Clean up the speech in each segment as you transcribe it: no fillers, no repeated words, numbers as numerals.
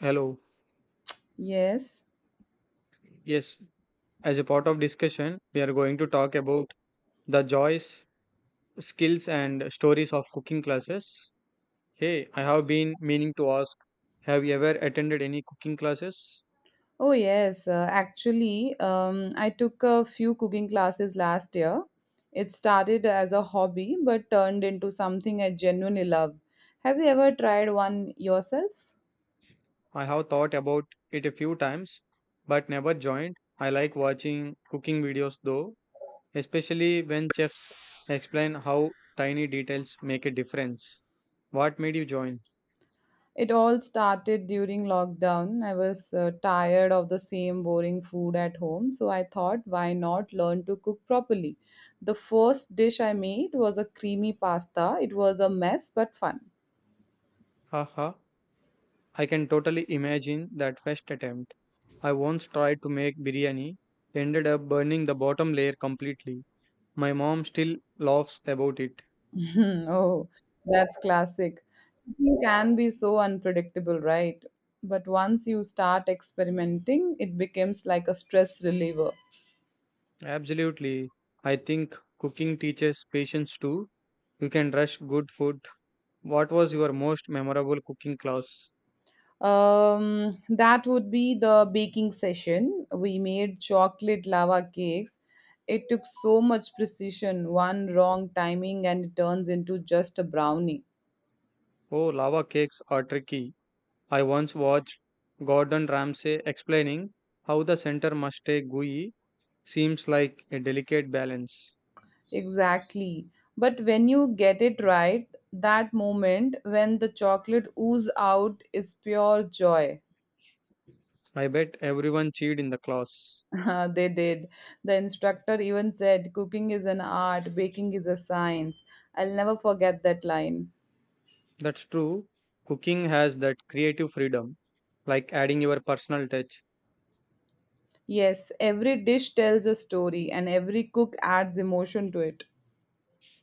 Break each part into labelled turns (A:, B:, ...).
A: Hello.
B: Yes.
A: Yes, as a part of discussion, we are going to talk about the joys, skills, and stories of cooking classes. Hey, I have been meaning to ask, have you ever attended any cooking classes?
B: Oh, yes. I took a few cooking classes last year. It started as a hobby but turned into something I genuinely love. Have you ever tried one yourself?
A: I have thought about it a few times, but never joined. I like watching cooking videos though, especially when chefs explain how tiny details make a difference. What made you join?
B: It all started during lockdown. I was tired of the same boring food at home, so I thought, why not learn to cook properly? The first dish I made was a creamy pasta. It was a mess but fun.
A: Haha. I can totally imagine that first attempt. I once tried to make biryani, ended up burning the bottom layer completely. My mom still laughs about it.
B: Mhm. Oh, that's classic. Cooking can be so unpredictable, right? But once you start experimenting, it becomes like a stress reliever.
A: Absolutely. I think cooking teaches patience too. You can rush good food. What was your most memorable cooking class?
B: That would be the baking session. We made chocolate lava cakes. It took so much precision, one wrong timing, and it turns into just a brownie.
A: Oh, lava cakes are tricky. I once watched Gordon Ramsay explaining how the center must stay gooey. Seems like a delicate balance.
B: Exactly. But when you get it right, that moment when the chocolate oozes out is pure joy.
A: I bet everyone cheered in the class.
B: They did. The instructor even said, "Cooking is an art, baking is a science." I'll never forget that line.
A: That's true. Cooking has that creative freedom, like adding your personal touch.
B: Yes, every dish tells a story and every cook adds emotion to it.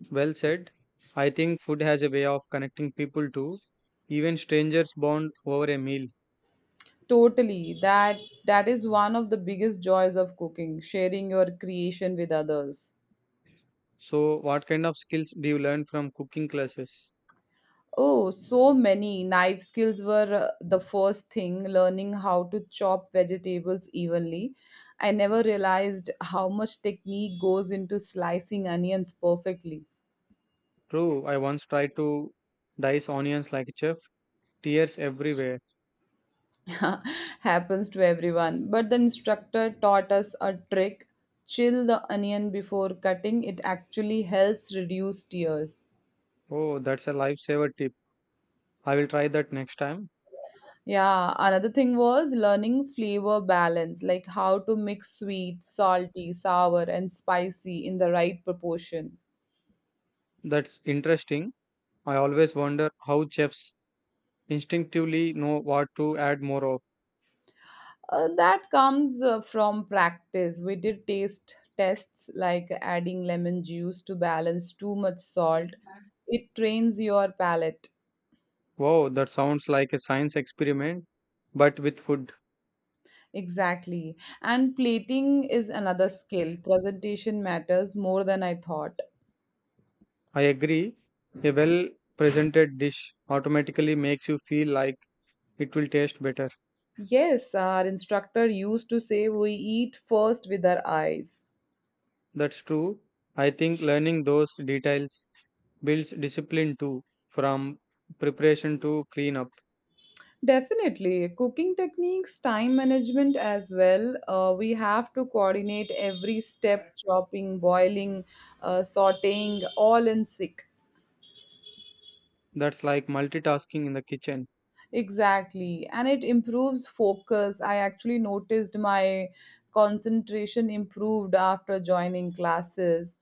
A: Well said. I think food has a way of connecting people too. Even strangers bond over a meal.
B: Totally. That is one of the biggest joys of cooking, sharing your creation with others.
A: So, what kind of skills do you learn from cooking classes?
B: Oh, so many knife skills were the first thing, learning how to chop vegetables evenly. I never realized how much technique goes into slicing onions perfectly.
A: True, I once tried to dice onions like a chef, tears everywhere.
B: Happens to everyone. But the instructor taught us a trick: chill the onion before cutting, it actually helps reduce tears.
A: Oh, that's a lifesaver tip. I will try that next time.
B: Yeah, another thing was learning flavor balance, like how to mix sweet, salty, sour, and spicy in the right proportion.
A: That's interesting. I always wonder how chefs instinctively know what to add more of.
B: That comes from practice. We did taste tests like adding lemon juice to balance too much salt. It trains your palate.
A: Wow, that sounds like a science experiment, but with food.
B: Exactly. And plating is another skill. Presentation matters more than I thought.
A: I agree. A well presented dish automatically makes you feel like it will taste better.
B: Yes, our instructor used to say we eat first with our eyes.
A: That's true. I think learning those details builds discipline too, from preparation to cleanup.
B: Definitely. Cooking techniques, time management as well. We have to coordinate every step: chopping, boiling, sauteing, all in sync.
A: That's like multitasking in the kitchen.
B: Exactly. And it improves focus. I actually noticed my concentration improved after joining classes.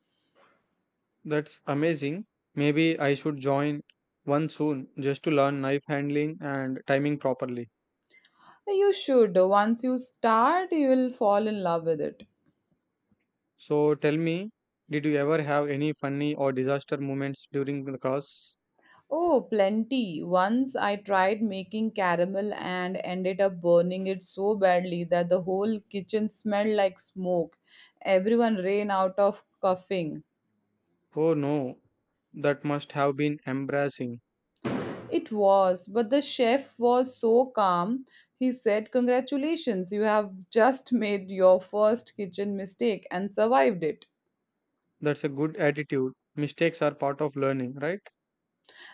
A: That's amazing. Maybe I should join one soon just to learn knife handling and timing properly.
B: You should. Once you start, you will fall in love with it.
A: So tell me, did you ever have any funny or disaster moments during the course?
B: Oh, plenty. Once I tried making caramel and ended up burning it so badly that the whole kitchen smelled like smoke. Everyone ran out of coughing.
A: Oh no, that must have been embarrassing.
B: It was, but the chef was so calm. He said, "Congratulations, you have just made your first kitchen mistake and survived it."
A: That's a good attitude. Mistakes are part of learning, right?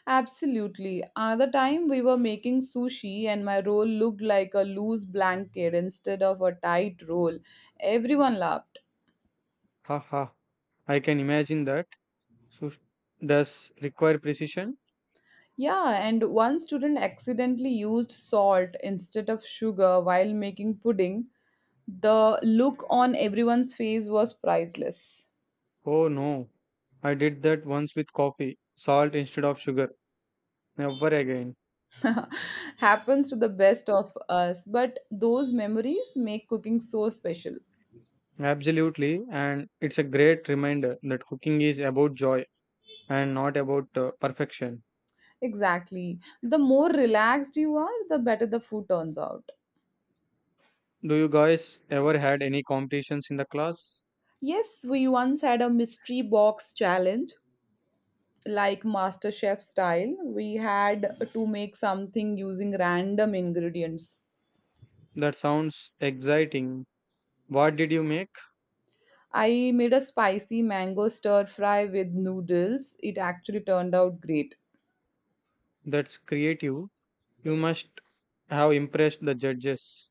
B: Absolutely. Another time we were making sushi and my roll looked like a loose blanket instead of a tight roll. Everyone laughed.
A: Ha ha. I can imagine that. So s- does require precision?
B: Yeah, and one student accidentally used salt instead of sugar while making pudding. The look on everyone's face was priceless.
A: Oh no. I did that once with coffee, salt instead of sugar. Never again.
B: Happens to the best of us, but those memories make cooking so special.
A: Absolutely, and it's a great reminder that cooking is about joy and not about perfection.
B: Exactly. The more relaxed you are, the better the food turns out.
A: Do you guys ever had any competitions in the class?
B: Yes, we once had a mystery box challenge, like MasterChef style. We had to make something using random ingredients.
A: That sounds exciting. What did you make?
B: I made a spicy mango stir fry with noodles. It actually turned out great.
A: That's creative. You must have impressed the judges.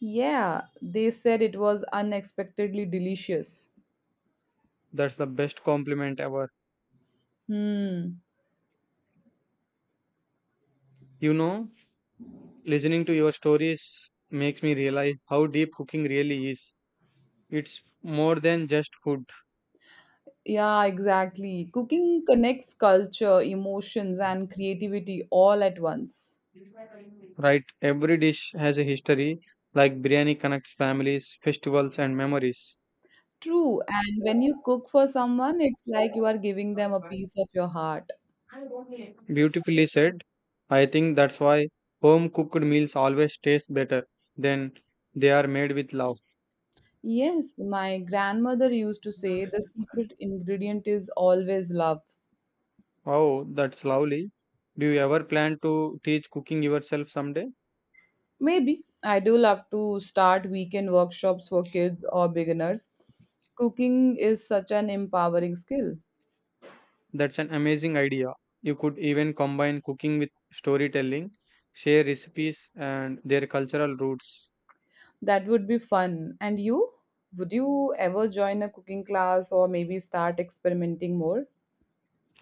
B: Yeah, they said it was unexpectedly delicious.
A: That's the best compliment ever.
B: Hmm.
A: You know, listening to your stories makes me realize how deep cooking really is. It's more than just food,
B: Yeah, exactly. Cooking connects culture, emotions, and creativity all at once.
A: right? Every dish has a history, like biryani connects families, festivals, and memories.
B: True. And when you cook for someone, it's like you are giving them a piece of your heart.
A: Beautifully said. I think that's why home cooked meals always taste better than they are made with love.
B: Yes, my grandmother used to say the secret ingredient is always love.
A: Oh, that's lovely. Do you ever plan to teach cooking yourself someday?
B: Maybe I do love to start weekend workshops for kids or beginners. Cooking is such an empowering skill.
A: That's an amazing idea. You could even combine cooking with storytelling, share recipes and their cultural roots.
B: That would be fun. And you? Would you ever join a cooking class or maybe start experimenting more?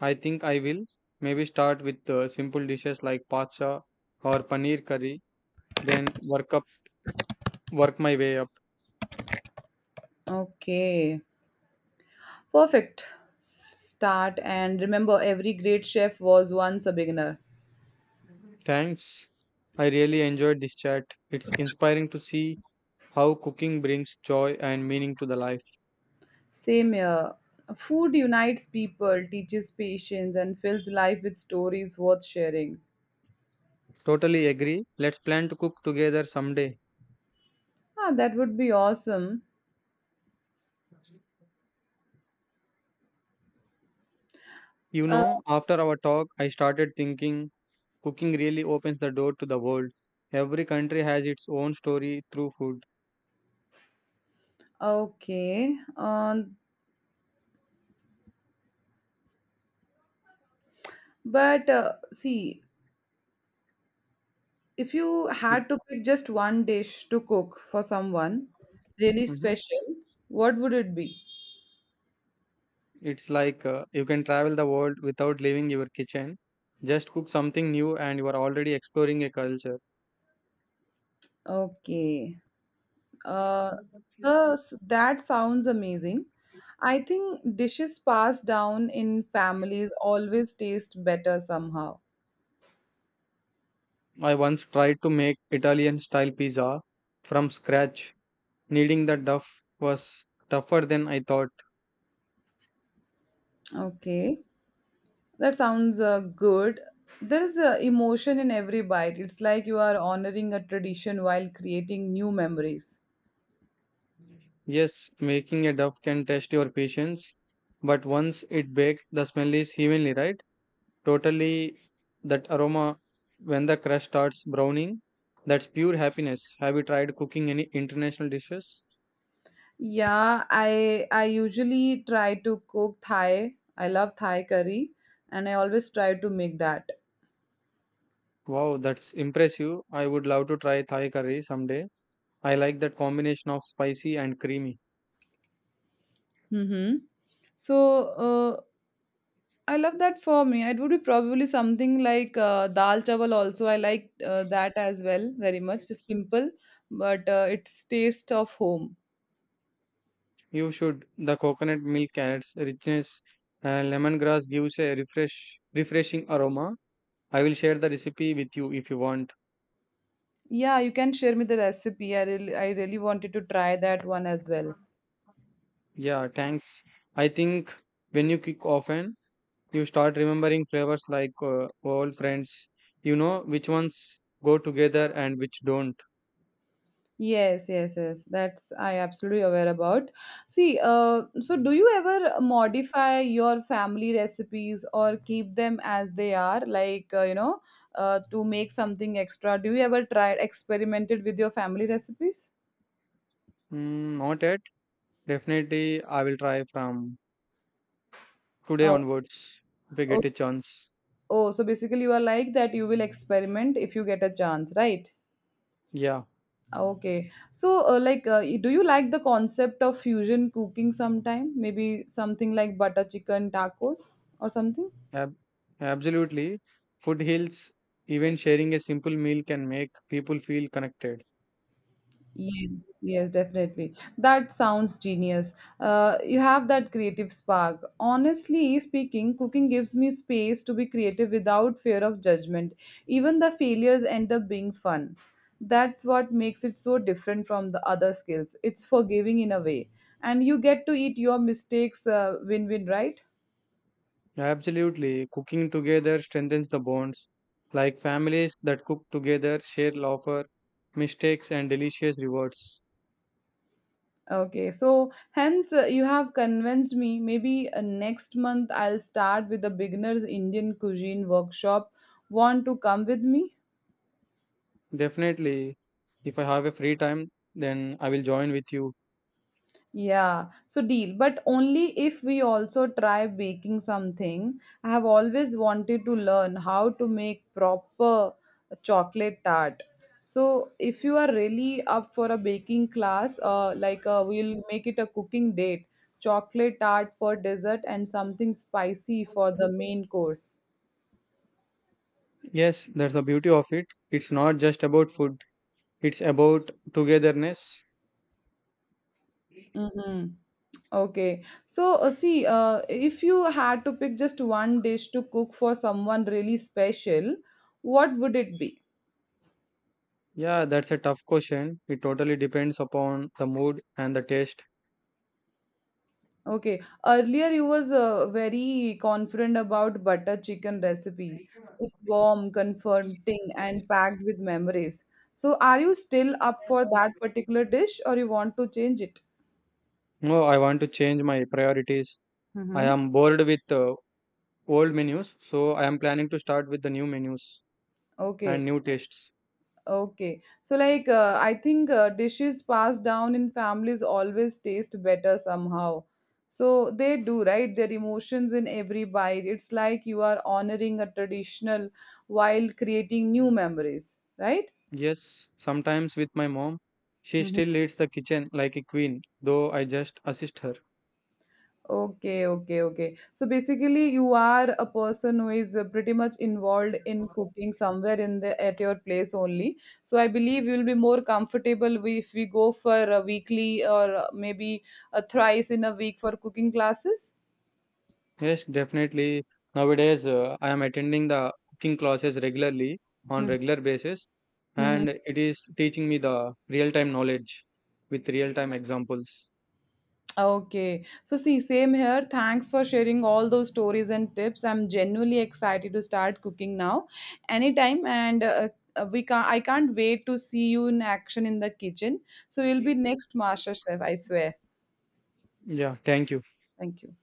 A: I think I will. Maybe start with simple dishes like pacha or paneer curry, then work my way up.
B: Okay, perfect. Start and remember every great chef was once a beginner.
A: Thanks. I really enjoyed this chat. It's inspiring to see how cooking brings joy and meaning to the life.
B: Same here. Food unites people, teaches patience, and fills life with stories worth sharing.
A: Totally agree. Let's plan to cook together someday.
B: Ah, that would be awesome.
A: You
B: Uh,
A: know, after our talk, I started thinking cooking really opens the door to the world. Every country has its own story through food.
B: Okay. But see, if you
A: It,
B: had to pick just one dish to cook for someone really
A: hmm.
B: special, what would it be?
A: It's like you can travel the world without leaving your kitchen. Just cook something new and you are already exploring a culture.
B: Okay. Uh, that sounds amazing. I think dishes passed down in families always taste better somehow.
A: I once tried to make Italian style pizza from scratch. Kneading the dough was tougher than I thought.
B: Okay. That sounds good. There is emotion in every bite. It's like you are honoring a tradition while creating new memories.
A: Yes, making a dough can test your patience, but once it baked, the smell is heavenly, right? Totally, that aroma when the crust starts browning, that's pure happiness. Have you tried cooking any international dishes?
B: Yeah, I usually try to cook Thai. I love Thai curry, and I always try to make that.
A: Wow, that's impressive. I would love to try Thai curry someday. I like that combination of spicy and creamy.
B: Hmm. So uh, I love that for me. It would be probably something like dal chawal also. I like that as well very much. It's simple, but it's taste of home.
A: You should. The coconut milk and its richness and lemongrass gives a refreshing aroma. I will share the recipe with you if you want.
B: Yeah, you can share me the recipe. I really wanted to try that one as well.
A: Yeah, thanks. I think when you cook often, you start remembering flavors like old friends. You know which ones go together and which don't.
B: Yes, yes, yes. That's I absolutely aware about. See, so do you ever modify your family recipes or keep them as they are, like you know, to make something extra? Do you ever try experimented with your family recipes?
A: Mm, not yet. Definitely, I will try from today
B: Oh,
A: onwards if I
B: oh,
A: get a chance.
B: oh. So basically, you are like that. You will experiment if you get a chance, right?
A: Yeah.
B: Okay. Do you like the concept of fusion cooking sometime? Maybe something like butter chicken tacos or something.
A: Ab- absolutely. Food heals, even sharing a simple meal can make people feel connected.
B: Yes, yes, definitely. That sounds genius. You have that creative spark. Honestly speaking, cooking gives me space to be creative without fear of judgment. Even the failures end up being fun. That's what makes it so different from the other skills. It's forgiving in a way. And you get to eat your mistakes, win-win, right?
A: Absolutely. Cooking together strengthens the bonds. Like families that cook together share laughter, mistakes, and delicious rewards.
B: Okay, so hence you have convinced me. Maybe next month I'll start with a beginner's Indian cuisine workshop. Want to come with me?
A: Definitely. If I have a free time, then I will join with you.
B: Yeah, so deal, but only if we also try baking something. I have always wanted to learn how to make proper chocolate tart. So if you are really up for a baking class, we'll make it a cooking date, chocolate tart for dessert and something spicy for the main course.
A: Yes, that's the beauty of it. It's not just about food, it's about togetherness.
B: Mm-hmm. Okay. If you had to pick just one dish to cook for someone really special, what would it be?
A: Yeah, that's a tough question. It totally depends upon the mood and the taste.
B: Okay. Earlier, you was very confident about butter chicken recipe. It's warm, comforting, and packed with memories. So, are you still up for that particular dish, or you want to change it?
A: No, I want to change my priorities. I
B: Mm-hmm.
A: am bored with old menus, so I am planning to start with the new menus and
B: Okay.
A: new tastes.
B: Okay. I think dishes passed down in families always taste better somehow. So, they do, right? Their emotions in every bite. It's like you are honoring a traditional while creating new memories, right?
A: Yes, sometimes with my mom, she
B: Mm-hmm.
A: still leads the kitchen like a queen, though I just assist her.
B: Okay, okay, okay. So basically, you are a person who is pretty much involved in cooking somewhere in the at your place only. So I believe you'll be more comfortable wi- if we go for a weekly or maybe a thrice in a week for cooking classes.
A: Yes, definitely. Nowadays, I am attending the cooking classes regularly on
B: Hmm.
A: regular basis,
B: Mhm.
A: and it is teaching me the real-time knowledge with real-time examples.
B: Okay. So, see, same here. Thanks for sharing all those stories and tips. I'm genuinely excited to start cooking now, anytime. And we can not I can't wait to see you in action in the kitchen. So, you'll be next master chef, I swear.
A: Yeah, thank you.
B: Thank you.